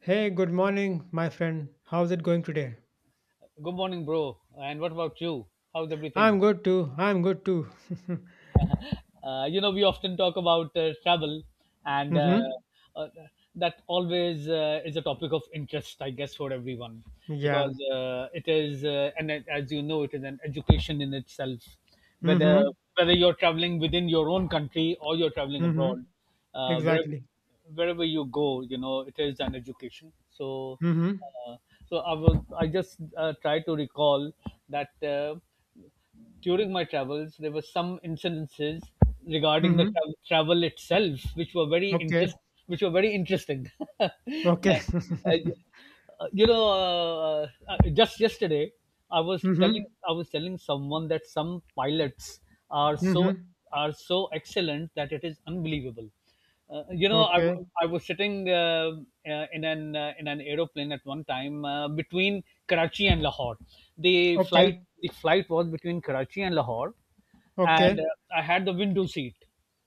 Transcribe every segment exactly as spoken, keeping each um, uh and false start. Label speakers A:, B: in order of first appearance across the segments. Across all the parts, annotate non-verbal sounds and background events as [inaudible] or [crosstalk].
A: Hey, good morning, my friend. How's it going today?
B: Good morning, bro. And what about you? How's
A: I'm
B: everything?
A: good too. I'm good too. [laughs]
B: Uh, you know, we often talk about uh, travel, and uh,
A: Mm-hmm.
B: uh, that always uh, is a topic of interest, I guess, for everyone,
A: Yeah.
B: because uh, it is, uh, and it- as you know, it is an education in itself. Whether
A: Mm-hmm.
B: whether you're traveling within your own country or you're traveling
A: Mm-hmm.
B: abroad, uh, wherever
A: Exactly.
B: wherever you go, you know, it is an education. So,
A: Mm-hmm.
B: uh, so I was, I just uh, try to recall that. Uh, during my travels, there were some incidences regarding the
A: Mm-hmm.
B: tra- travel itself, which were very
A: Okay.
B: interest, which were very interesting. [laughs]
A: Okay. [laughs]
B: Uh, you know, uh, uh, just yesterday, I was
A: Mm-hmm.
B: telling I was telling someone that some pilots are so
A: Mm-hmm.
B: are so excellent that it is unbelievable. Uh, you know, I,
A: Okay.
B: w- I was sitting uh, uh, in an uh, in an aeroplane at one time uh, between Karachi and Lahore. The flight
A: Okay.
B: the flight was between Karachi and Lahore,
A: Okay.
B: and uh, I had the window seat.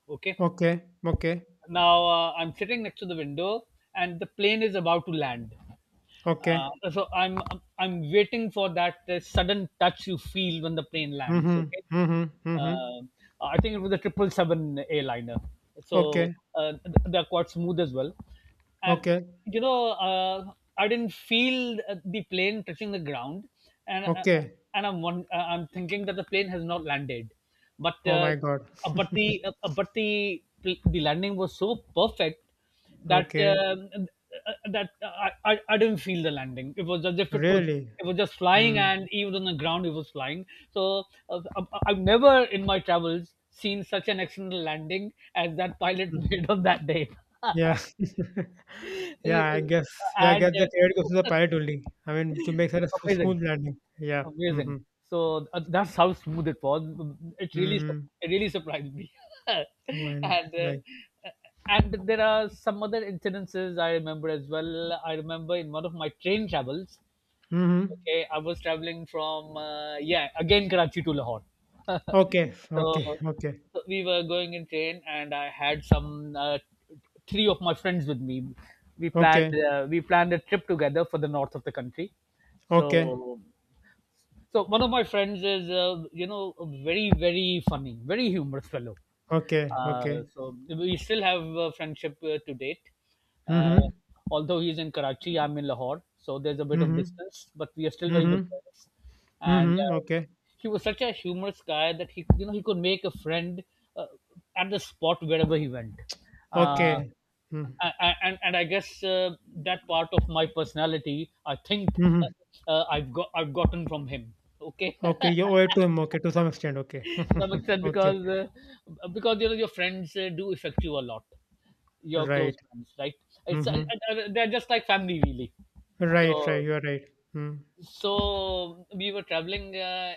B: Okay,
A: Okay. Okay.
B: now uh, I'm sitting next to the window, and the plane is about to land.
A: Okay.
B: Uh, so I'm I'm waiting for that uh, sudden touch you feel when the plane lands.
A: Mm-hmm.
B: Okay,
A: Mm-hmm. Mm-hmm.
B: uh, I think it was a triple seven airliner, so
A: Okay.
B: uh, th- they're quite smooth as well, and
A: Okay.
B: you know uh, I didn't feel uh, the plane touching the ground, and uh,
A: Okay.
B: and I'm one, uh, I'm thinking that the plane has not landed, but
A: Oh
B: uh,
A: my God.
B: uh, but the uh, uh, but the the landing was so perfect that
A: Okay.
B: um, uh, that I, I I didn't feel the landing. It was as if it was
A: Really?
B: it was just flying,
A: Mm.
B: and even on the ground it was flying. So uh, I- I've never in my travels seen such an accidental landing as that pilot [laughs]
A: Mm.
B: made on that day.
A: Yeah. [laughs]
B: You
A: Yeah, I
B: know,
A: guess. Yeah, I guess
B: and
A: the credit goes to the
B: uh,
A: pilot only. I mean, to make such a
B: [laughs]
A: s-
B: amazing,
A: smooth landing. Yeah. Mm-hmm.
B: amazing. So uh, that's how smooth it was. It really, sur-
A: Mm-hmm.
B: it really surprised me. [laughs]
A: Why not?
B: and uh,
A: Like.
B: and there are some other incidences I remember as well. I remember in one of my train travels,
A: Mm-hmm.
B: okay, I was traveling from uh, yeah, again, Karachi to Lahore. [laughs] so,
A: Okay. Okay. Okay.
B: so we were going in train, and I had some uh, three of my friends with me. We planned
A: Okay.
B: uh, we planned a trip together for the north of the country.
A: Okay.
B: So, so one of my friends is uh, you know, a very very funny, very humorous fellow.
A: Okay.
B: Uh,
A: Okay.
B: so we still have a friendship uh, to date. Uh,
A: Mm-hmm.
B: Although he's in Karachi, I'm in Lahore, so there's a bit of
A: Mm-hmm.
B: distance, but we are still very good
A: Mm-hmm.
B: friends. And
A: Mm-hmm.
B: uh,
A: Okay.
B: he was such a humorous guy that he, you know, he could make a friend uh, at the spot wherever he went. Uh,
A: Okay. Mm-hmm.
B: a- a- and and I guess uh, that part of my personality, I think
A: mm-hmm,
B: uh, uh, I've got I've gotten from him. Okay,
A: Okay.
B: [laughs]
A: You owe it to him. Okay. To some extent. Okay.
B: to some
A: [laughs]
B: extent
A: Okay.
B: because uh, because you know, your friends uh, do affect you a lot, your close
A: Right.
B: friends, right? It's uh,
A: Mm-hmm.
B: uh, uh, They're just like family, really.
A: Right. Right.
B: So,
A: You are right. Mm.
B: so we were traveling uh,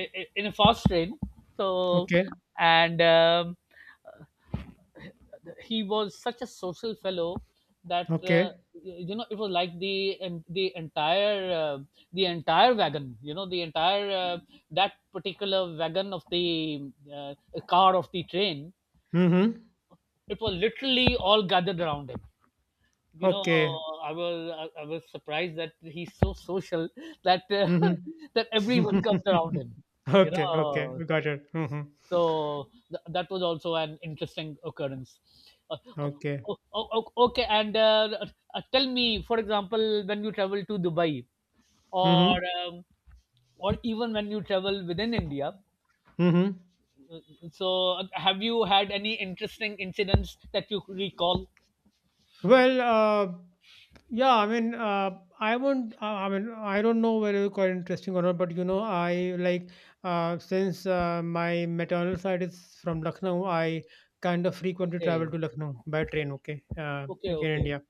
B: i- i- in a fast train. So,
A: Okay.
B: and um, He was such a social fellow that uh,
A: Okay.
B: y- you know, it was like the and the entire uh, the entire wagon, you know, the entire uh, that particular wagon of the uh, car of the train.
A: Mm-hmm.
B: It was literally all gathered around him, you know.
A: Okay.
B: i was i I was surprised that he's so social that uh,
A: Mm-hmm.
B: [laughs] that everyone comes around him,
A: [laughs]
B: you
A: Okay,
B: know.
A: okay. We got it. Mhm.
B: So th- that was also an interesting occurrence. uh, o-
A: Okay.
B: o- o- okay, and uh, uh, tell me, for example, when you travel to Dubai, or
A: Mhm.
B: um, or even when you travel within India,
A: Mhm.
B: so uh, have you had any interesting incidents that you recall?
A: Well, uh, yeah, I mean, uh, I won't. Uh, I mean, I don't know whether you call it interesting or not, but you know, I like uh, since uh, my maternal side is from Lucknow, I kind of frequently travel
B: Okay,
A: to Lucknow by train. Okay, uh,
B: okay,
A: like in
B: okay,
A: India.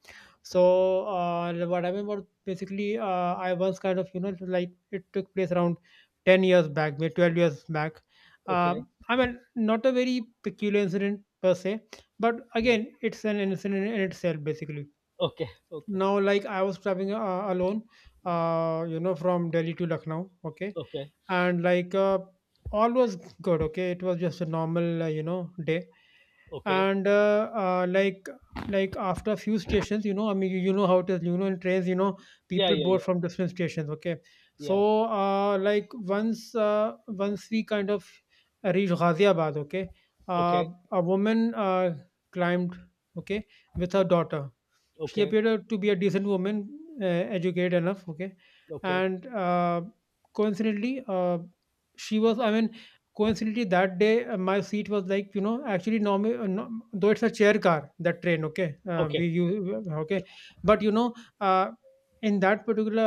A: So uh, what happened was basically uh, I was kind of you know like it took place around ten years back, maybe twelve years back. Uh,
B: okay.
A: I mean, not a very peculiar incident per se, but
B: Yeah.
A: again it's an incident in itself basically.
B: Okay, okay.
A: Now like I was traveling uh, alone, uh you know, from Delhi to Lucknow. Okay,
B: Okay.
A: and like uh, all was good. Okay, it was just a normal uh, you know day.
B: Okay.
A: And uh, uh, like like after a few stations, you know, I mean, you, you know how it is, you know, in trains, you know,
B: Yeah,
A: people
B: yeah,
A: board
B: yeah.
A: from different stations. Okay,
B: Yeah.
A: so uh, like once uh, once we kind of reached Ghaziabad. Okay, uh,
B: Okay.
A: a woman uh, climbed, okay, with her
B: Okay.
A: daughter. She
B: Okay.
A: appeared uh, to be a decent woman, uh, educated enough. Okay,
B: Okay.
A: and uh, coincidentally, uh, she was. I mean, coincidentally, that day uh, my seat was like you know actually normal. Uh, no, though it's a chair car, that train. Okay, uh, we
B: Okay.
A: you. Okay, but you know. Uh, in that particular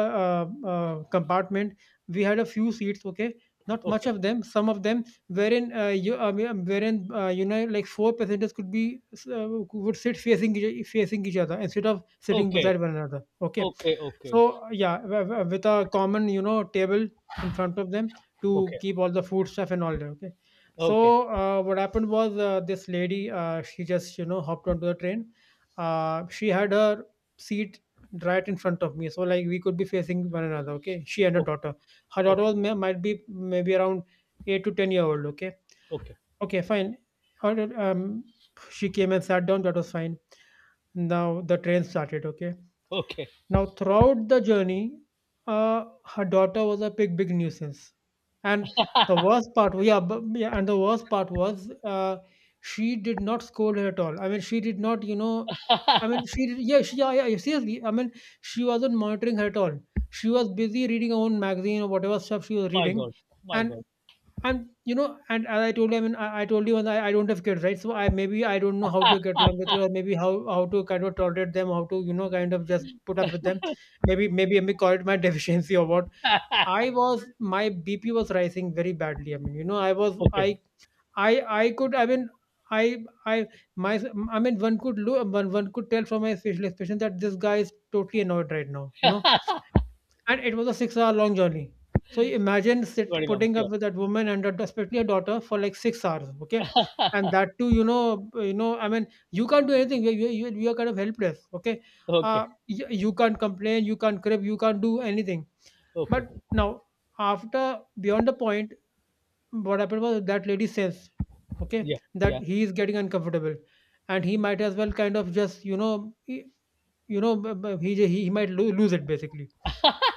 A: uh, uh, compartment, we had a few seats. Okay, not much of them. Some of them wherein uh, you I mean, wherein uh, you know like four passengers could be, uh, would sit facing each- facing each other instead of sitting
B: Okay.
A: beside one another. Okay,
B: Okay.
A: so
B: Okay.
A: yeah, w- w- with a common, you know, table in front of them to keep all the food stuff and all that. Okay,
B: Okay.
A: so uh, what happened was, uh, this lady, uh, she just you know hopped onto the train. Uh, she had her seat right in front of me, so like we could be facing one another. Okay, she and her daughter. Her daughter
B: Okay.
A: was, may, might be, maybe around eight to ten year old. Okay,
B: Okay. Okay. Okay. Okay.
A: okay, fine. All right, um, she came and sat down. That was fine. Now the train started. Okay,
B: Okay.
A: now throughout the journey, uh, her daughter was a big big nuisance. And the worst part yeah, but, yeah and the worst part was, uh, she did not scold her at all. I mean, she did not, you know, I mean she did- yeah she yeah, yeah seriously, I mean, she wasn't monitoring her at all. She was busy reading her own magazine or whatever stuff she was
B: My
A: reading.
B: God. My
A: And
B: God.
A: and you know, and as I told you, I mean, I, I told you, and I, I don't have kids, right? So I maybe I don't know how to get along with you, or maybe how how to kind of tolerate them, how to, you know, kind of just put up with them. Maybe maybe I may call it my [laughs] deficiency or what. I was My B P was rising very badly. I mean, you know, I was
B: Okay.
A: I I I could I mean I I my I mean, one could look, one one could tell from my facial expression that this guy is totally annoyed right now. You know, and it was a six-hour-long journey. So you imagine sit
B: Very long.
A: putting up
B: Yeah.
A: with that woman and that, especially a daughter, for, like, six hours, okay? And that too, you know you know, I mean, you can't do anything. You you you you are kind of helpless, okay?
B: Okay.
A: Uh, you you can't complain, you can't crib, you can't do anything.
B: Okay.
A: But now, after beyond the point, what happened was that lady sensed, okay,
B: Yeah. Yeah.
A: that he is getting uncomfortable, and he might as well kind of just, you know, he you know, b- b- he j- he he might lo- lose it basically.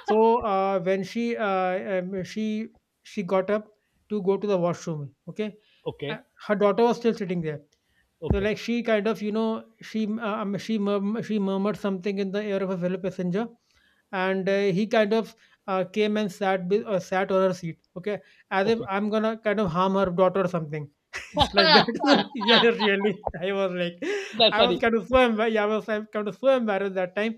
A: So uh, when she uh, um, she she got up to go to the washroom, okay, uh,
B: Okay.
A: her daughter was still sitting there. So
B: Okay.
A: like she kind of you know, she uh, um, she murm- she murmured something in the ear of a fellow passenger, and uh, he kind of uh, came and sat be- uh, sat on her seat. Okay, as if
B: Okay.
A: I'm gonna kind of harm her daughter or something. [laughs] It's like that. [laughs] Yeah, really, i was like
B: That's
A: i was
B: funny.
A: kind of so embar- yeah, I was like, kind of so embarrassed that time.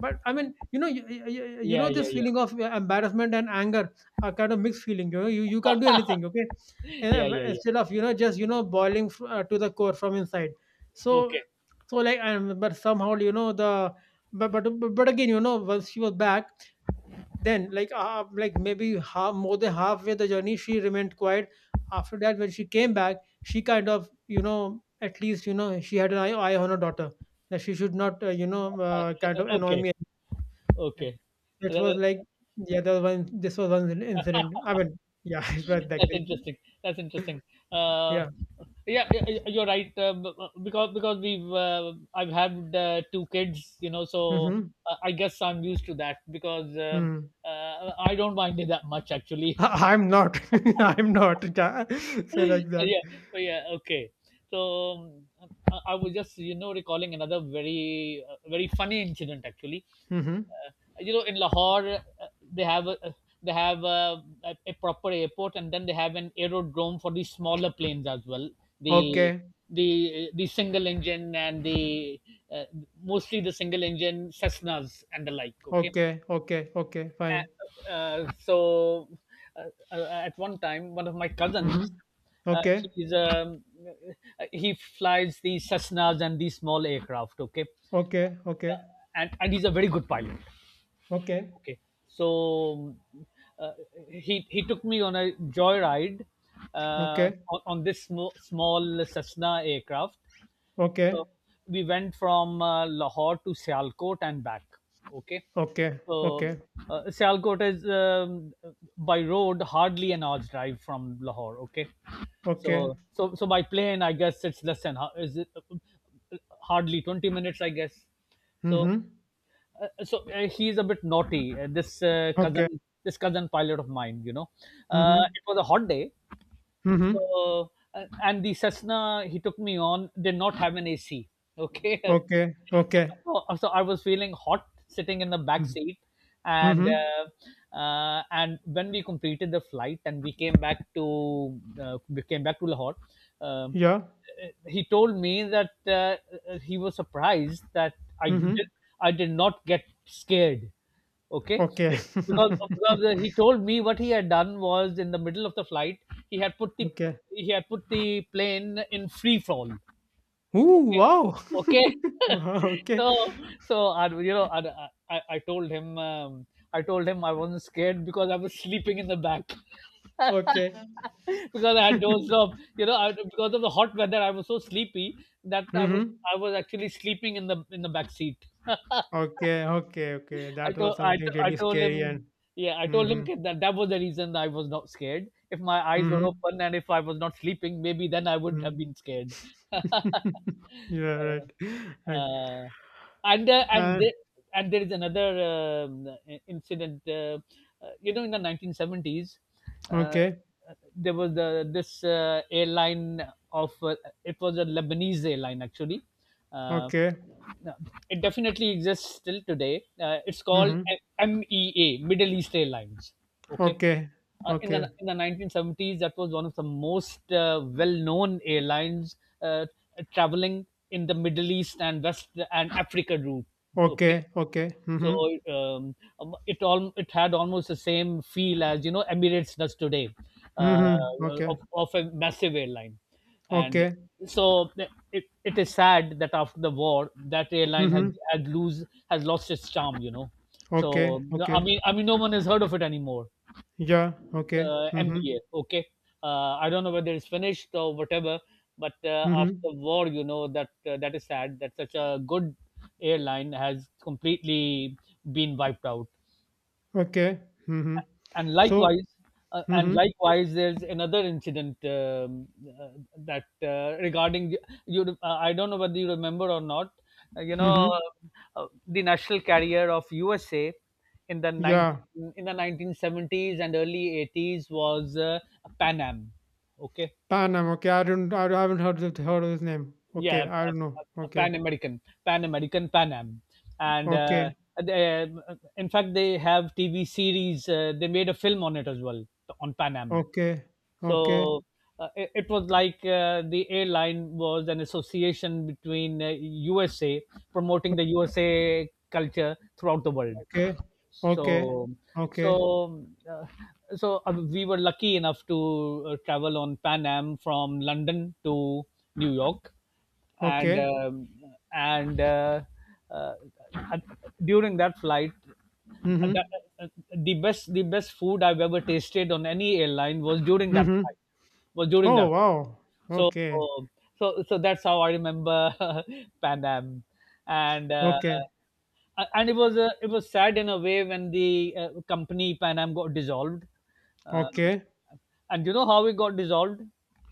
A: But I mean, you know, you, you, you know
B: Yeah. Yeah.
A: this
B: Yeah.
A: feeling of uh, embarrassment and anger are kind of mixed feeling. You know, you, you can't do anything. Okay,
B: Yeah.
A: and, uh,
B: Yeah. Yeah.
A: instead of, you know, just, you know, boiling fr- uh, to the core from inside. so
B: Okay.
A: so like, and but somehow, you know, the, but but but again, you know, once she was back, then like uh, like maybe half, more than halfway the journey she remained quiet. After that, when she came back, she kind of, you know, at least, you know, she had an eye, eye on her daughter, that she should not, uh, you know uh, kind of annoy me.
B: Okay.
A: It was like,
B: Okay.
A: yeah, there was one this was one incident, I mean. Yeah, [laughs] it's right like
B: That's
A: they.
B: interesting. That's interesting. Uh,
A: Yeah.
B: yeah, y- y- you're right. Uh, b- b- because because we've uh, I've had uh, two kids, you know, so
A: Mm-hmm.
B: uh, I guess I'm used to that. Because um
A: Mm-hmm.
B: uh, I don't mind it that much, actually.
A: I'm not. [laughs] I'm not. Yeah. [laughs]
B: [laughs]
A: So like that.
B: Yeah, but yeah, okay. So um, I, I was just, you know, recalling another very uh, very funny incident, actually.
A: Mm-hmm.
B: uh, you know, in Lahore, uh, they have a they have a, a, proper airport, and then they have an aerodrome for the smaller planes as well, the
A: Okay,
B: the the single engine, and the uh, mostly the single engine Cessnas and the like. Okay.
A: okay, okay, okay, fine.
B: uh, uh, so uh, uh, at one time, one of my
A: Mm-hmm.
B: cousins, uh,
A: Okay,
B: he's um, uh, he flies these Cessnas and these small aircraft. Okay.
A: okay,
B: Uh,
A: okay,
B: and, and he's a very good pilot.
A: okay,
B: Okay. So uh, he he took me on a joyride uh,
A: okay,
B: on, on this sm- small Cessna aircraft.
A: okay,
B: So we went from uh, Lahore to Sialkot and back. Okay.
A: okay,
B: So
A: okay,
B: uh, Sialkot is um, by road hardly an hour's drive from Lahore. Okay.
A: okay.
B: So so so by plane, I guess it's less than ho- is it hardly twenty minutes, I guess. So
A: Mm-hmm.
B: uh, so uh, he's a bit naughty. Uh, this uh,
A: Okay.
B: cousin, this cousin pilot of mine, you know, uh,
A: Mm-hmm.
B: it was a hot day,
A: Mm-hmm.
B: so, uh, and the Cessna he took me on did not have an A C. Okay. [laughs]
A: Okay. Okay.
B: So so I was feeling hot sitting in the back seat. And
A: Mm-hmm.
B: uh, uh, and when we completed the flight, and we came back to uh, we came back to Lahore, um,
A: Yeah.
B: uh, he told me that uh, uh, he was surprised that I did
A: Mm-hmm.
B: I did not get scared. okay Be-
A: Okay.
B: because, because the- he
A: [laughs]
B: told me what he had done was in the middle of the flight, he had put the
A: Okay.
B: he had put the plane in free fall.
A: Ooh,
B: Okay.
A: wow. [laughs]
B: okay [laughs]
A: Wow,
B: So,
A: okay.
B: so I, you know I, I, I told him, um, i told him I wasn't scared because I was sleeping in the back. [laughs]
A: Okay.
B: Because I had dozed off. You know, I, because of the hot weather, I was so sleepy that I was
A: Mm-hmm.
B: I was actually sleeping in the in the back seat. [laughs]
A: Okay. Okay. Okay.
B: I
A: That was
B: told I,
A: something
B: to- I
A: really
B: told
A: scary
B: him,
A: and.
B: yeah, I told him,
A: Mm-hmm.
B: kid, that that was the reason I was not scared. If my eyes were
A: Mm-hmm.
B: open and if I was not sleeping, maybe then I would have
A: Mm.
B: been scared. [laughs] uh,
A: [laughs] Yeah, right. [laughs] Right.
B: uh, and uh, and
A: Uh,
B: there, and there is another um, i- incident. Uh, uh, you know, in the nineteen seventies, uh,
A: okay.
B: there was the this uh, airline of uh, it was a Lebanese airline, actually. Uh,
A: Okay.
B: no, It definitely exists till today. Uh, it's called
A: Mhm.
B: M E A, Middle East Airlines. Okay.
A: Okay.
B: Uh, in
A: Okay.
B: the in the nineteen seventies, that was one of the most uh, well-known airlines uh, traveling in the Middle East and West and Africa route. Okay,
A: Okay. Okay. Mhm.
B: so um, um, it all it had almost the same feel as, you know, Emirates does today, uh,
A: Mhm. Okay.
B: of, of a massive airline, and
A: Okay.
B: so it, it is sad that after the war that airline has
A: Mhm.
B: had lose has lost its charm. You know,
A: Okay.
B: so I
A: Okay.
B: mean I mean no one has heard of it anymore,
A: Yeah. Okay.
B: uh,
A: Mhm.
B: M B A. Okay, uh, I don't know whether it's finished or whatever, but uh,
A: Mhm.
B: after war, you know, that uh, that is sad that such a good airline has completely been wiped out.
A: Okay. Mhm.
B: and
A: So.
B: likewise uh, and
A: Mhm.
B: likewise, there's another incident, um, uh, that uh, regarding you uh, I don't know whether you remember or not, uh, you know
A: Mhm.
B: uh, uh, the national carrier of USA in the
A: Yeah.
B: 19 in the nineteen seventies and early eighties was uh, Pan Am. Okay.
A: Panam. Okay. I don't. I haven't heard of, heard of his name. Okay.
B: yeah
A: I
B: a,
A: don't know.
B: a- a
A: Okay.
B: pan american pan american Pan Am. And uh,
A: Okay.
B: they, uh, in fact, they have T V series, uh, they made a film on it as well, on Pan Am.
A: Okay.
B: So
A: Okay.
B: uh, it, it was like uh, the airline was an association between uh, U S A promoting the U S A culture throughout the world.
A: Okay. Okay.
B: So,
A: Okay.
B: so, uh, so uh, we were lucky enough to uh, travel on Pan Am from London to New York, and
A: Okay.
B: um, and uh, uh, at- during that flight, uh, that,
A: Mhm.
B: uh, uh, the best the best food I've ever tasted on any airline was during that flight.
A: Mhm.
B: Was during
A: Oh
B: that flight.
A: wow.
B: So,
A: Okay.
B: oh, so so that's how I remember [laughs] Pan Am, and uh,
A: Okay.
B: uh, and it was uh, it was sad in a way when the uh, company Pan Am got dissolved, uh,
A: Okay.
B: and you know how it got dissolved.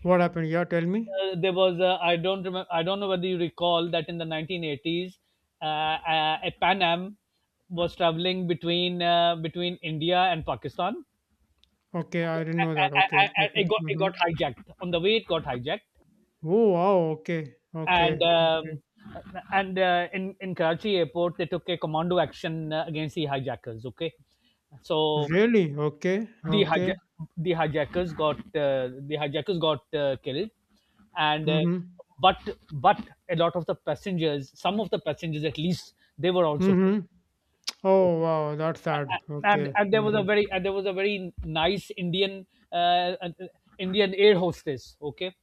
A: What happened? Yeah, tell me.
B: Uh, there was a, I don't remember. I don't know whether you recall that in the nineteen eighties, uh, uh, a Pan Am was traveling between uh, between India and Pakistan.
A: Okay,
B: Okay,
A: I didn't know
B: a-
A: that. Okay,
B: a- a- a-
A: okay.
B: it got it
A: Mm-hmm.
B: got hijacked on the way. It got hijacked,
A: Oh wow. Okay, okay,
B: and
A: okay.
B: um, and uh, in in Karachi airport they took a commando action uh, against the hijackers. Okay, so
A: Really? Okay,
B: the
A: okay.
B: hijack the hijackers got uh, the hijackers got uh, killed, and uh,
A: Mm-hmm.
B: but but a lot of the passengers, some of the passengers at least, they were also killed.
A: Mm-hmm.
B: Okay.
A: Oh wow, that's sad.
B: And
A: Okay.
B: and there was a
A: Mm-hmm.
B: very and there was a very nice Indian uh, uh, Indian air hostess. Okay,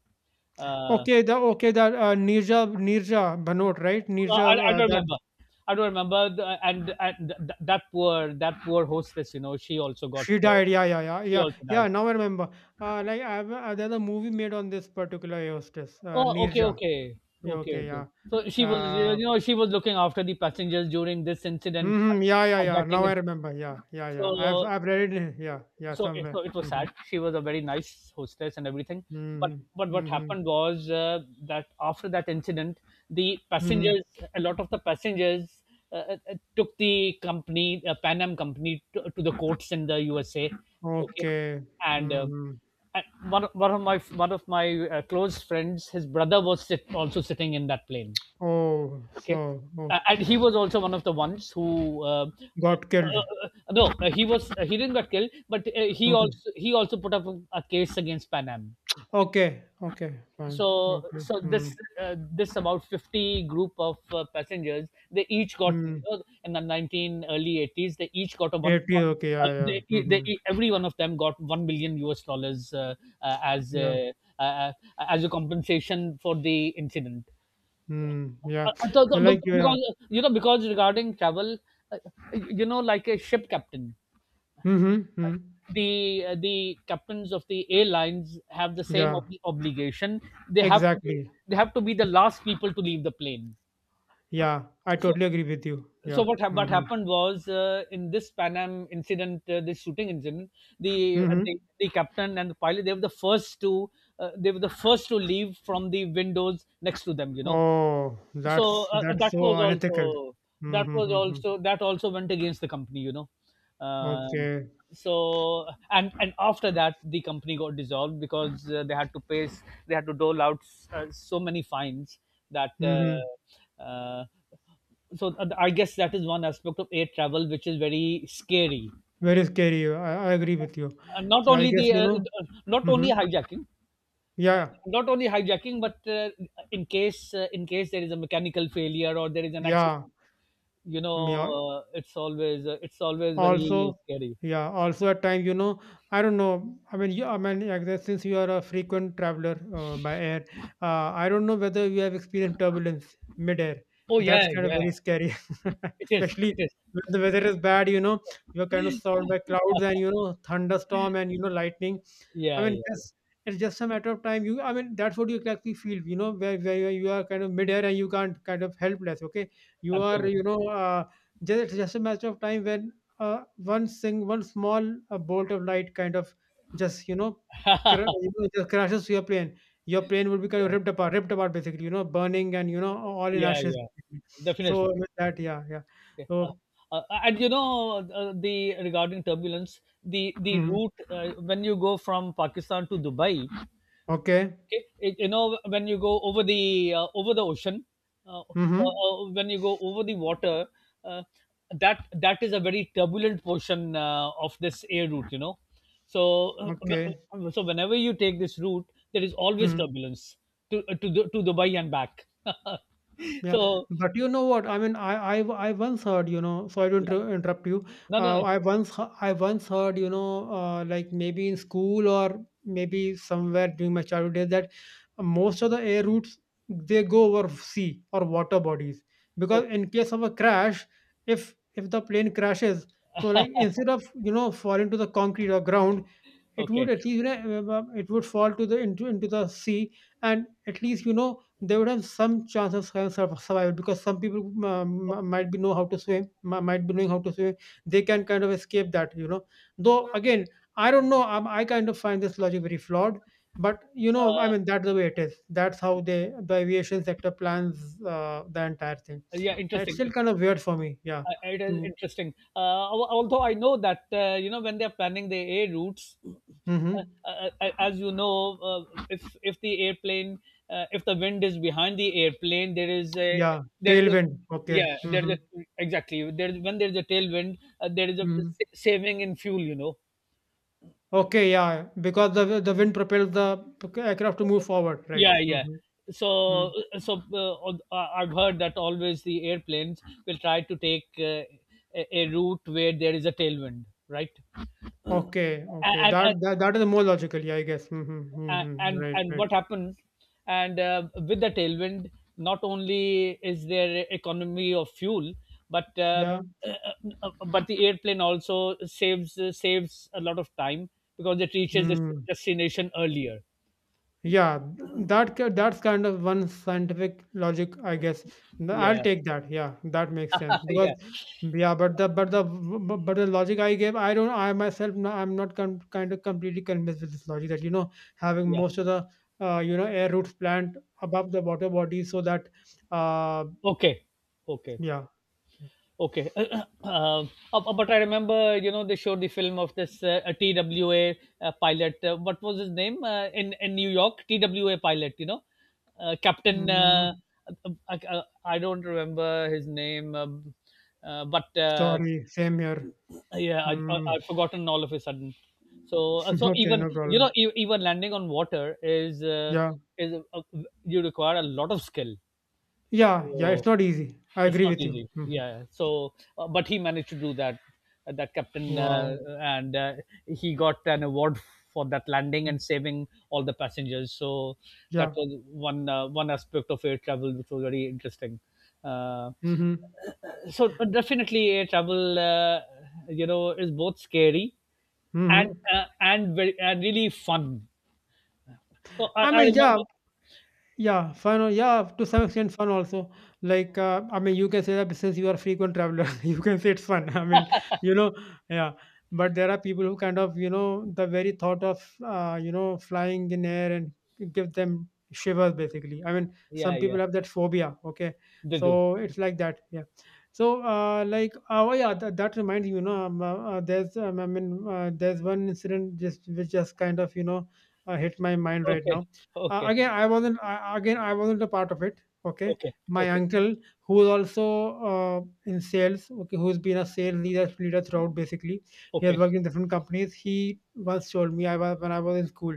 B: uh,
A: Okay, the okay, that uh, Nirja Nirja Banot, right?
B: Uh,
A: Nirja,
B: I, I
A: uh,
B: don't
A: that,
B: remember. I don't remember. The, and and th- that poor that poor hostess, you know, she also got
A: she
B: uh,
A: died. Yeah, yeah, yeah,
B: she
A: yeah,
B: also
A: yeah.
B: died.
A: Now I remember. Uh, like I have, uh, there's a movie made on this particular hostess, uh,
B: Oh, okay,
A: Nirja.
B: okay,
A: Yeah,
B: okay,
A: okay,
B: okay.
A: yeah.
B: So she was, you
A: Uh,
B: know, she was looking after the passengers during this incident,
A: mhm, yeah, yeah, yeah,
B: hijacking
A: now I
B: incident.
A: remember, yeah, yeah, yeah, I've
B: So
A: I've read it, yeah, yeah,
B: so it- so
A: somewhere,
B: it was sad.
A: mhm,
B: She was a very nice hostess and everything, but
A: mhm,
B: but what
A: mhm,
B: happened was uh, that after that incident, the
A: mhm,
B: passengers, a lot of the passengers. Uh, uh, uh, took the company, uh, Pan Am company, to, to the courts in the U S A. Okay,
A: okay,
B: and uh,
A: mhm,
B: and one of- one of my one of my uh, close friends, his brother was sit, also sitting in that plane.
A: oh,
B: Okay,
A: so,
B: uh,
A: oh,
B: and he was also one of the ones who, uh, uh,
A: got killed,
B: uh, no, uh, he was uh, he didn't get killed, but uh, he
A: okay,
B: also he also put up a, a case against Pan Am.
A: okay, okay, fine,
B: so
A: okay,
B: so this
A: mm,
B: uh, this about fifty group of uh, passengers, they each got, you
A: mm,
B: know, in the nineteen early eighties, they each got a one
A: eight zero, okay,
B: uh,
A: yeah, yeah,
B: they, they,
A: mhm,
B: every one of them got one million U S dollars, uh, uh, as
A: yeah,
B: uh, uh, as a compensation for the incident.
A: mm, yeah,
B: Uh, uh, so- so
A: but like,
B: bec-
A: yeah,
B: because uh, you know because regarding travel, uh, you know like a ship captain,
A: mhm, mm,
B: the uh, the captains of the airlines have the same
A: yeah,
B: ob- obligation. they have to be
A: exactly,
B: they have to be the last people to leave the plane.
A: yeah, I
B: so
A: totally agree with you,
B: so
A: yeah,
B: what hap what
A: mhm,
B: happened was, uh, in this Pan Am incident, uh, this shooting incident, the, uh, the
A: mhm.
B: the captain and the pilot, they were the first to uh, they were the first to leave from the windows next to them you know
A: Oh,
B: so
A: that's
B: uh, uh,
A: that's
B: that
A: so
B: was
A: unethical.
B: also
A: Mm,
B: that
A: hmm,
B: was
A: hmm, hmm.
B: also that also went against the company you know um,
A: Okay.
B: so and and after that, the company got dissolved because uh, they had to pay s- they had to dole out, s- uh, so many fines that
A: Mm-hmm.
B: uh, uh, so uh, I guess that is one aspect of air travel which is very scary,
A: Very scary. I, I agree with you.
B: uh, not
A: So I
B: only the
A: guess you
B: uh,
A: know.
B: uh, not
A: Mm-hmm.
B: only hijacking uh,
A: Yeah,
B: not only hijacking but uh, in case uh, in case there is a mechanical failure or there is an accident
A: yeah,
B: you know,
A: yeah.
B: uh, it's always uh, it's always very
A: Also,
B: scary.
A: yeah, also at times, you know, I don't know, I mean, you, I mean like that, since you are a frequent traveler uh, by air, uh, I don't know whether you have experienced turbulence mid-air.
B: Oh,
A: That's
B: yeah,
A: kind of
B: yeah,
A: very scary, [laughs]
B: it is,
A: especially
B: it is.
A: when the weather is bad, you know, you're kind of
B: [laughs]
A: surrounded by clouds and, you know, thunderstorm and, you know, lightning. I
B: Yeah,
A: mean,
B: yeah,
A: just, it's just a matter of time. You, I mean, that's what you exactly feel, you know, where, where you are kind of mid-air and you can't kind of helpless. Okay,
B: yeah,
A: you are,
B: absolutely.
A: you know, uh, just, it's just a matter of time when, uh, one sing one small, uh, bolt of light kind of just, you know,
B: [laughs] Yeah,
A: cra- you know, just crashes your plane. Your plane would be kind of ripped apart ripped apart basically, you know, burning and, you know, all in
B: yeah,
A: ashes.
B: yeah,
A: So
B: definitely.
A: with that. Yeah, yeah.
B: Yeah. Uh,
A: So.
B: uh, and you know, uh, the regarding turbulence, the the
A: Mhm.
B: route, uh, when you go from Pakistan to Dubai,
A: Okay.
B: okay, it, you know when you go over the uh, over the ocean, uh, or,
A: Mm-hmm.
B: or when you go over the water, uh, that that is a very turbulent portion uh, of this air route, you know so uh,
A: Okay.
B: w- so whenever you take this route, there is always
A: Mm.
B: turbulence to to Du- to Dubai and back. [laughs]
A: Yeah.
B: So,
A: But you know what I mean, i i, I once heard, you know so sorry to
B: yeah,
A: inter- interrupt you.
B: no, no, no,
A: uh, i
B: sure.
A: once he- I once heard, you know uh, like, maybe in school or maybe somewhere during my childhood days, that most of the air routes, they go over sea or water bodies, because
B: Okay,
A: in case of a crash, if if the plane crashes, so like, instead of, you know, falling to the concrete or ground, it would
B: okay,
A: at least, you know uh, uh, it would fall to the, into into the sea, and at least, you know, they would have some chance of sur- sur- survival, because some people, um, m- might be know how to swim, mi- might be knowing how to swim. They can kind of escape that, you know. Though again, I don't know, um, I kind of find this logic very flawed. But, you know, I
B: uh,
A: mean, that's the way it is. That's how they the aviation sector plans uh, the entire thing.
B: yeah,
A: And it's
B: interesting.
A: still kind of weird for me. Yeah.
B: Uh, it is
A: To.
B: interesting. Uh, al- although I know that, uh, you know when they are planning the air routes,
A: Mm-hmm.
B: uh, uh, uh, as you know, uh, if if the airplane, uh, if the wind is behind the airplane, there is a
A: Yeah.
B: there is a
A: Tailwind. Okay.
B: yeah, there is
A: Mm-hmm.
B: a, exactly, there is- when there is a tailwind, uh, there is a
A: Mm-hmm.
B: sa- saving in fuel. You know.
A: Okay, yeah, because the the wind propels the aircraft to move forward, right?
B: Yeah, yeah.
A: Mm-hmm.
B: So,
A: Mm.
B: so uh, al- I- I've heard that always the airplanes will try to take, uh, a, a route where there is a tailwind, right?
A: Okay, okay,
B: And,
A: that,
B: and,
A: that that is more logical, yeah, I guess. Mm-hmm.
B: a-
A: Mm-hmm.
B: and
A: Right,
B: and
A: right.
B: what happened and uh, with the tailwind, not only is there economy of fuel, but uh,
A: Yeah.
B: [clears throat] but the airplane also saves saves a lot of time because it reaches its
A: Mm.
B: destination earlier.
A: Yeah, th- that ki- that's kind of one scientific logic, I guess. Th- I'll
B: Yeah,
A: take that. Yeah, that makes sense because
B: [laughs] yeah,
A: yeah, but the but the w- w- but the logic I gave, I don't. I myself, no- I'm not com- kind of completely convinced with this logic that, you know, having
B: yeah,
A: most of the uh, you know air routes planned above the water body, so that, uh
B: okay, okay.
A: yeah.
B: Okay, [clears throat] um, uh, uh, but I remember, you know, they showed the film of this uh, a T W A uh, pilot. Uh, what was his name, uh, in in New York? T W A pilot, you know, uh, Captain. Uh,
A: Mm,
B: uh, uh, I I don't remember his name, um, uh, but, uh,
A: sorry, same here.
B: yeah, I, I,
A: Mm.
B: I've forgotten all of a sudden. So, uh,
A: [laughs]
B: so
A: Okay,
B: even
A: no
B: you know,
A: problem.
B: e- even landing on water is uh,
A: Yeah,
B: is uh, uh, you require a lot of skill.
A: yeah, yeah. It's
B: So.
A: not easy. I
B: It's
A: agree
B: not
A: with you.
B: easy.
A: Mhm.
B: Yeah, yeah. So, uh, but he managed to do that. Uh, that captain, uh,
A: Wow.
B: and uh, he got an award for that landing
A: Mm.
B: and saving all the passengers. So that
A: Yeah.
B: was one uh, one aspect of air travel which was very interesting. Uh,
A: Mhm.
B: so definitely, air travel, uh, you know, is both scary and
A: Mhm.
B: uh, and very and really fun. So I,
A: I
B: I
A: mean, yeah.
B: remember.
A: Yeah, fun. al- Yeah, to some extent, fun also. Like, uh, I mean, you can say that since you are a frequent traveler, [laughs] you can say it's fun. I mean, you know, yeah. But there are people who kind of, you know, the very thought of, uh, you know, flying in air and give them shivers, basically. I mean,
B: Yeah,
A: some people
B: yeah,
A: have that phobia. Okay,
B: they do.
A: so it's like that. Yeah. So, uh, like, uh, oh yeah, that, that reminds you, you know, um, uh, uh, there's, um, I mean, uh, there's one incident just which just kind of, you know, uh, hit my mind right
B: Okay,
A: now. Uh,
B: okay,
A: again i wasn't I, again I wasn't a part of it. Okay,
B: okay,
A: my
B: okay,
A: uncle, who's also uh, in sales, okay, who's been a sales leader, leader throughout, basically. He
B: okay,
A: has
B: okay,
A: worked in different companies. He once told me, I was when I was in school.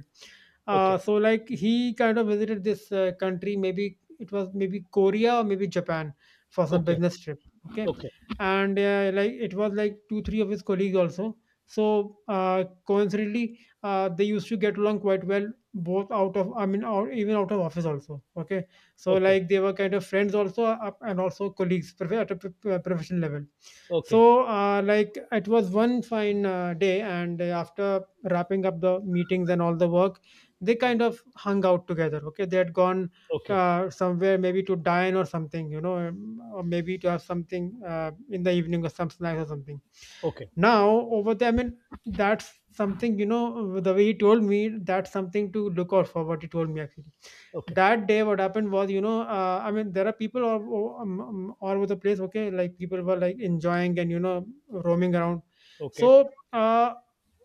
B: okay,
A: uh, So like, he kind of visited this uh, country, maybe it was, maybe Korea or maybe Japan, for some
B: okay,
A: business trip. Okay.
B: okay,
A: And uh, like, it was like two three of his colleagues also. So uh, coincidentally, uh, they used to get along quite well, both out of, I mean, out, even out of office also. Okay. So
B: okay,
A: like, they were kind of friends also, uh, and also colleagues, prof- at a p- p- professional level.
B: okay,
A: So uh, like, it was one fine uh, day, and uh, after wrapping up the meetings and all the work, they kind of hung out together. Okay, they had gone
B: okay,
A: uh, somewhere, maybe to dine or something, you know, um, or maybe to have something uh, in the evening, or some snacks or something.
B: okay,
A: Now over there, I mean, that's something, you know, the way he told me, that's something to look out for, what he told me actually.
B: okay,
A: That day, what happened was, you know, uh, I mean, there are people all, all um, um, all over the place. Okay, like people were like enjoying and, you know, roaming around.
B: okay,
A: So uh,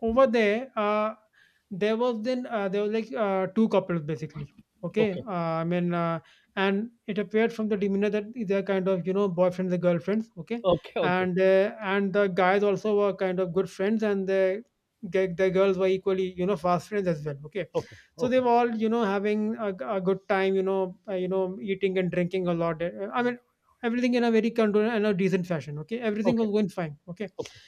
A: over there, uh, there was then, uh, there was like, uh, two couples basically, okay.
B: okay,
A: uh, I mean, uh, and it appeared from the demeanor that they're kind of, you know, boyfriends and girlfriends, okay.
B: okay, okay,
A: And uh, and the guys also were kind of good friends, and the ge- the girls were equally, you know, fast friends as well, okay.
B: okay,
A: So they
B: okay,
A: were all, you know, having a, a good time, you know, uh, you know eating and drinking a lot. Uh, I mean, everything in a very controlled and a decent fashion. Okay, everything was
B: okay,
A: going fine. Okay.
B: okay,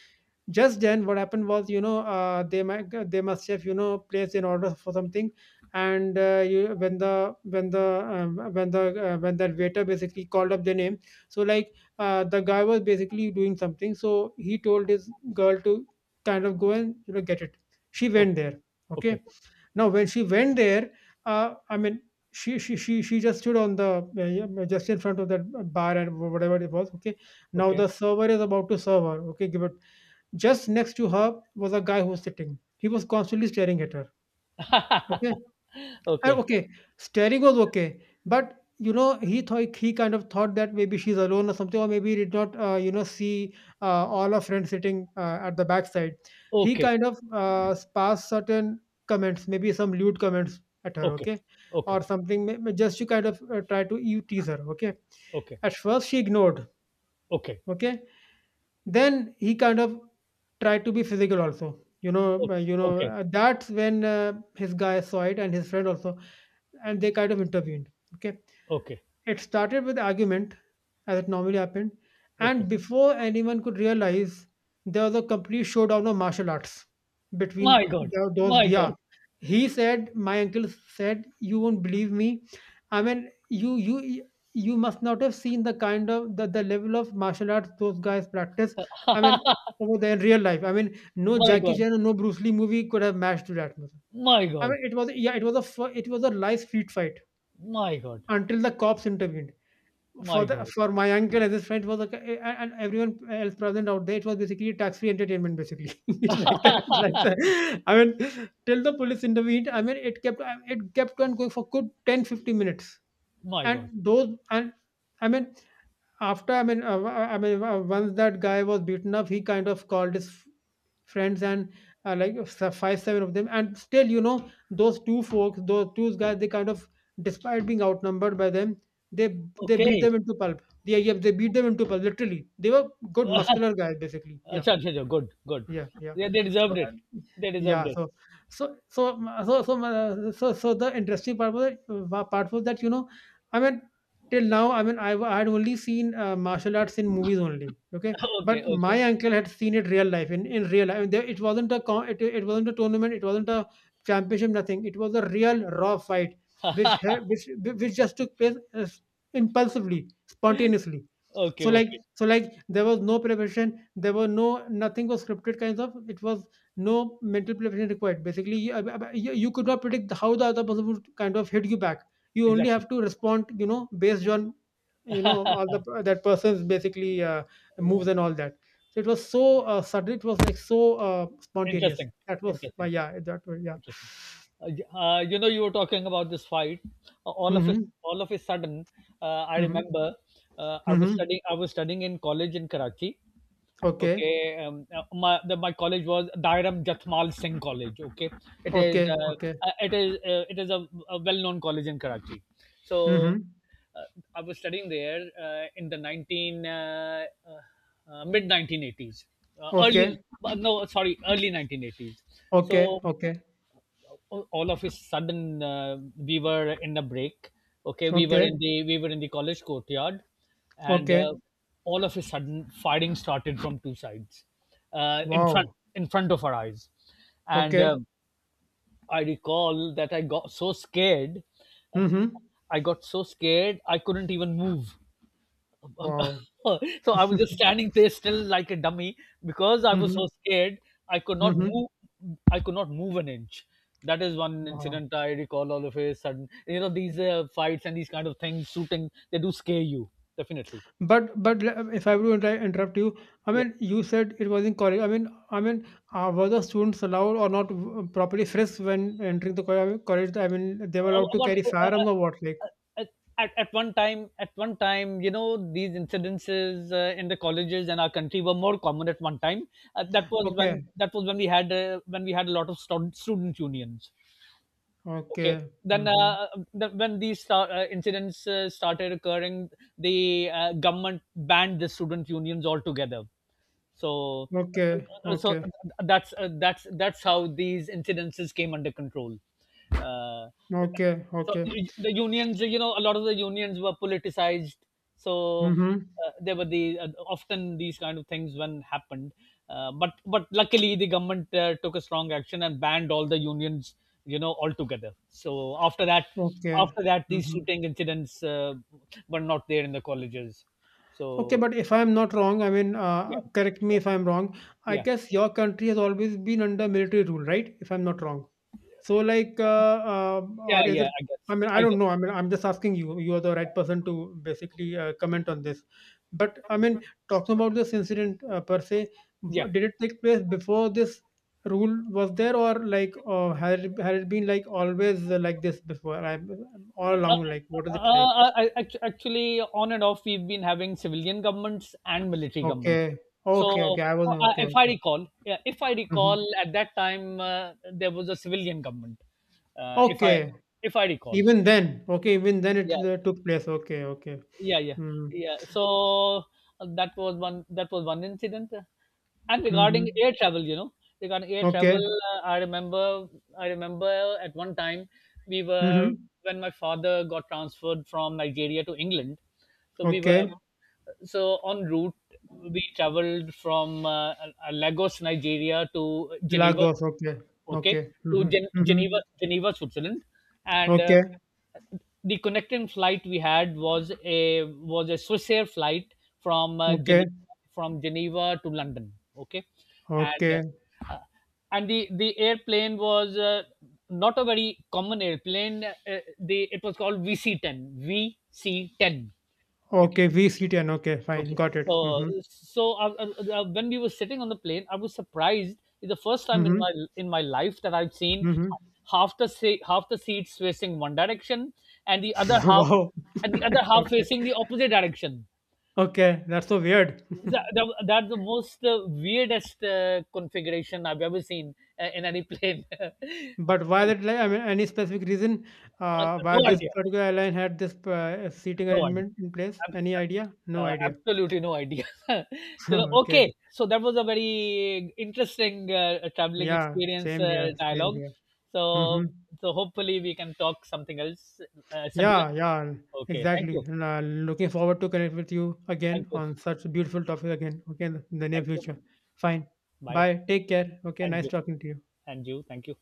A: Just then, what happened was, you know, uh, they might they must have, you know, placed an order for something. And uh, you, when the when the um, when the uh, when that waiter basically called up the name. So like, uh, the guy was basically doing something, so he told his girl to kind of go and, you know, get it. She went there.
B: okay,
A: Okay.
B: okay,
A: Now when she went there, uh, I mean, she she she she just stood on the, uh, yeah, just in front of that bar, and whatever it was, okay. Now
B: okay,
A: the server is about to serve her, okay, give it. Just next to her was a guy who was sitting. He was constantly staring at her. Okay.
B: [laughs]
A: Uh,
B: okay,
A: okay, staring was okay, but you know, he thought he kind of thought that maybe she's alone or something, or maybe he did not, uh, you know, see uh, all her friends sitting uh, at the backside. He
B: okay, okay,
A: kind of uh, passed certain comments, maybe some lewd comments at her,
B: okay,
A: okay,
B: okay,
A: or something, may- may- just to kind of uh, try to you tease her, okay.
B: okay,
A: At first she ignored,
B: okay, okay, okay.
A: okay, then he kind of tried to be physical also. You know, uh, you know, uh, that's when uh, his guy saw it, and his friend also, and they kind of intervened. Okay, it started with argument, as it normally happened, and
B: Okay.
A: before anyone could realize, there was a complete showdown of martial arts between
B: My God,
A: the, those.
B: my
A: Yeah,
B: God,
A: he said, my uncle said, "You won't believe me. I mean, you you you must not have seen the kind of the, the level of martial arts those guys practice. I mean,
B: [laughs]
A: over there in real life. I mean, no
B: my
A: Jackie
B: God,
A: Chan or no Bruce Lee movie could have matched to that."
B: my
A: I
B: God,
A: mean, it was yeah, it was a fir- it was a live street fight
B: my God,
A: until the cops intervened.
B: my
A: For the
B: God,
A: for my uncle and his friend, was like, a- a- and everyone else present out there, it was basically tax-free entertainment, basically. [laughs] It's like that, it's like
B: [laughs]
A: that. I mean, till the police intervened, I mean, it kept it kept on going for good ten, fifteen minutes.
B: my
A: And
B: God.
A: those, and, I mean, after I mean, uh, uh, I mean, uh, once that guy was beaten up, he kind of called his f- friends, and uh, like, s- five, seven of them, and still, you know, those two folks, those two guys, they kind of, despite being outnumbered by them, they they beat
B: Okay.
A: them into pulp. Yeah, yeah, they beat them into pulp. Literally, they were good
B: [laughs]
A: muscular
B: अच्छा
A: guys, basically. Yeah.
B: अच्छा अच्छा good good
A: Yeah, yeah.
B: They
A: So
B: deserved it
A: and
B: they deserved
A: yeah,
B: it.
A: so so so so so uh, so, so the interesting part was that, part was that, you know, I mean, till now, I mean, I, I had only seen uh, martial arts in movies only. Okay,
B: [laughs] Okay.
A: but
B: Okay.
A: my uncle had seen it real life, in in real life. There, it wasn't a con- it, it wasn't a tournament. It wasn't a championship. Nothing. It was a real raw fight, which ha- which which just took place uh, impulsively, spontaneously.
B: Okay,
A: so like
B: okay.
A: so like, there was no preparation, there were no, nothing was scripted kinds of. It was no mental preparation required, basically. you, you you could not predict how the other person would kind of hit you back. You only
B: Exactly.
A: have to respond, you know, based on, you know, all
B: [laughs]
A: the, that person's basically uh,
B: Yeah.
A: moves and all that. So it was so uh, sudden, it was like so uh, spontaneous.
B: Interesting.
A: That was why,
B: Interesting.
A: yeah, that was, yeah.
B: Interesting. Uh, y- uh, you know, you were talking about this fight. Uh, All of a
A: Mm-hmm,
B: all of a sudden, uh, I
A: mm-hmm,
B: remember, uh, I was
A: mm-hmm.
B: studying. I was studying in college in Karachi.
A: Okay.
B: Okay, um, uh, my the, my college was Dairam Jathmal Singh College. Okay, it is
A: Okay.
B: uh,
A: Okay.
B: uh, it is uh, it is a, a well known college in Karachi. So,
A: Mm-hmm.
B: uh, I was studying there, uh, in the nineteen, uh, uh, mid nineteen eighties, uh, early,
A: Okay.
B: uh, no, sorry, early nineteen eighties.
A: Okay.
B: So,
A: Okay.
B: all all of a sudden, uh, we were in a break, okay, we were
A: Okay.
B: in the we were in the college courtyard, and
A: Okay.
B: uh, all of a sudden, firing started from two sides, uh, in front
A: Wow.
B: in front of our eyes, and
A: Okay.
B: uh, I recall that, i got so scared uh,
A: Mhm.
B: I got so scared, I couldn't even move. [laughs]
A: Wow.
B: So I was just standing there still like a dummy because I was
A: Mhm.
B: so scared. I could not
A: Mhm.
B: move. I could not move an inch. That is one
A: Wow.
B: incident I recall. All of a sudden, you know, these uh, fights and these kind of things, shooting, they do scare you, definitely.
A: But but le- if I were to inter- interrupt you, I
B: Yeah.
A: mean, you said it was in college. I mean, I mean, uh, were the students allowed, or not w- properly frisked when entering the co- I mean, college? I mean, they were
B: Uh,
A: allowed to
B: What,
A: carry
B: uh, uh,
A: firearms or what? Like,
B: uh, uh, at, at one time, at one time, you know, these incidences, uh, in the colleges and our country, were more common at one time. Uh, that was when
A: okay,
B: that was when we had uh, when we had a lot of stud- student unions. Okay.
A: okay,
B: Then,
A: mm-hmm.
B: uh, the, when these star- uh, incidents uh, started occurring, the uh, government banned the student unions altogether. So,
A: Okay,
B: uh, uh, so
A: okay,
B: that's uh, that's that's how these incidences came under control. Uh,
A: okay,
B: so
A: okay,
B: the unions, you know, a lot of the unions were politicized. So,
A: mm-hmm.
B: uh, there were the uh, often these kind of things when happened. Uh, but but luckily the government uh, took a strong action and banned all the unions, you know, altogether. So after that,
A: Okay,
B: after that, these
A: mm-hmm.
B: shooting incidents uh, were not there in the colleges.
A: Okay,
B: So,
A: but if I'm not wrong, I mean,
B: yeah,
A: uh, correct me if I'm wrong. I
B: yeah,
A: guess your country has always been under military rule, right? If I'm not wrong. So, like, uh, uh, or
B: yeah,
A: is
B: yeah.
A: it?
B: I
A: I
B: guess,
A: mean, I
B: I
A: don't
B: guess,
A: know. I mean, I'm just asking you. You are the right person to basically uh, comment on this. But I mean, talking about this incident uh, per se, w-
B: yeah.
A: did it take place before this rule was there, or like, uh, had it, had it been like always uh, like this before? I'm all along, like, what is
B: Uh,
A: it like?
B: uh, I, act- actually, on and off, we've been having civilian governments and military governments.
A: Okay,
B: So,
A: okay, okay. I wasn't.
B: uh,
A: Okay.
B: if I
A: Okay.
B: recall, yeah, if I
A: Mhm.
B: recall, at that time, uh, there was a civilian government. Uh, if I,
A: Okay.
B: if I recall,
A: Even then. Okay, even then it
B: yeah,
A: uh, took place. Okay, okay.
B: yeah, yeah,
A: Mm.
B: yeah. So, uh, that was one. That was one incident. And regarding
A: Mhm.
B: air travel, you know, regarding air travel,
A: Okay.
B: uh, I remember. I remember at one time, we were
A: Mhm.
B: when my father got transferred from Nigeria to England. So, we were
A: Okay.
B: so on route we traveled from, uh, uh, Lagos, Nigeria, to Geneva,
A: Lagos. Okay.
B: okay,
A: Okay.
B: to
A: Mhm.
B: Gen- Geneva,
A: Mhm.
B: Geneva, Switzerland, and uh,
A: Okay.
B: the connecting flight we had was a was a Swiss Air flight from, uh,
A: Okay.
B: Geneva from Geneva to London. Okay, and
A: Okay.
B: uh, and the the airplane was, uh, not a very common airplane. Uh, the It was called VC ten V C ten. Okay.
A: Okay. V C ten. Okay. Fine.
B: Okay.
A: Got it.
B: Uh,
A: Mhm.
B: so uh, uh, uh, when we were sitting on the plane, I was surprised. It's the first time in my
A: Mhm.
B: in my life that I've seen,
A: Mhm.
B: half the se- half the seats facing one direction, and the other
A: [laughs]
B: half
A: Wow.
B: and the other
A: [laughs]
B: half
A: Okay.
B: facing the opposite direction.
A: Okay. That's so weird. [laughs]
B: That, that, that's the most uh, weirdest uh, configuration I've ever seen, uh, in any plane. [laughs]
A: But why that? Like, I mean, any specific reason uh, why
B: No
A: this
B: idea.
A: particular airline had this uh, seating
B: No idea.
A: arrangement in place?
B: ab-
A: Any idea? No
B: uh,
A: idea.
B: Absolutely no idea. [laughs] Chalo,
A: [laughs] Okay.
B: okay, so that was a very interesting uh, traveling
A: Yeah,
B: experience
A: same
B: uh,
A: here, same
B: dialogue.
A: here. Hmm.
B: So, so hopefully we can talk something else, uh, similar.
A: Yeah, yeah,
B: Okay, thank
A: exactly.
B: you,
A: And, uh, looking forward to connect with you
B: thank
A: again
B: you,
A: on such a beautiful topic again, okay, in the in the near
B: thank you.
A: future. Fine.
B: Bye,
A: Bye. Take care. Okay,
B: and
A: nice
B: you,
A: talking to you.
B: and you, thank you.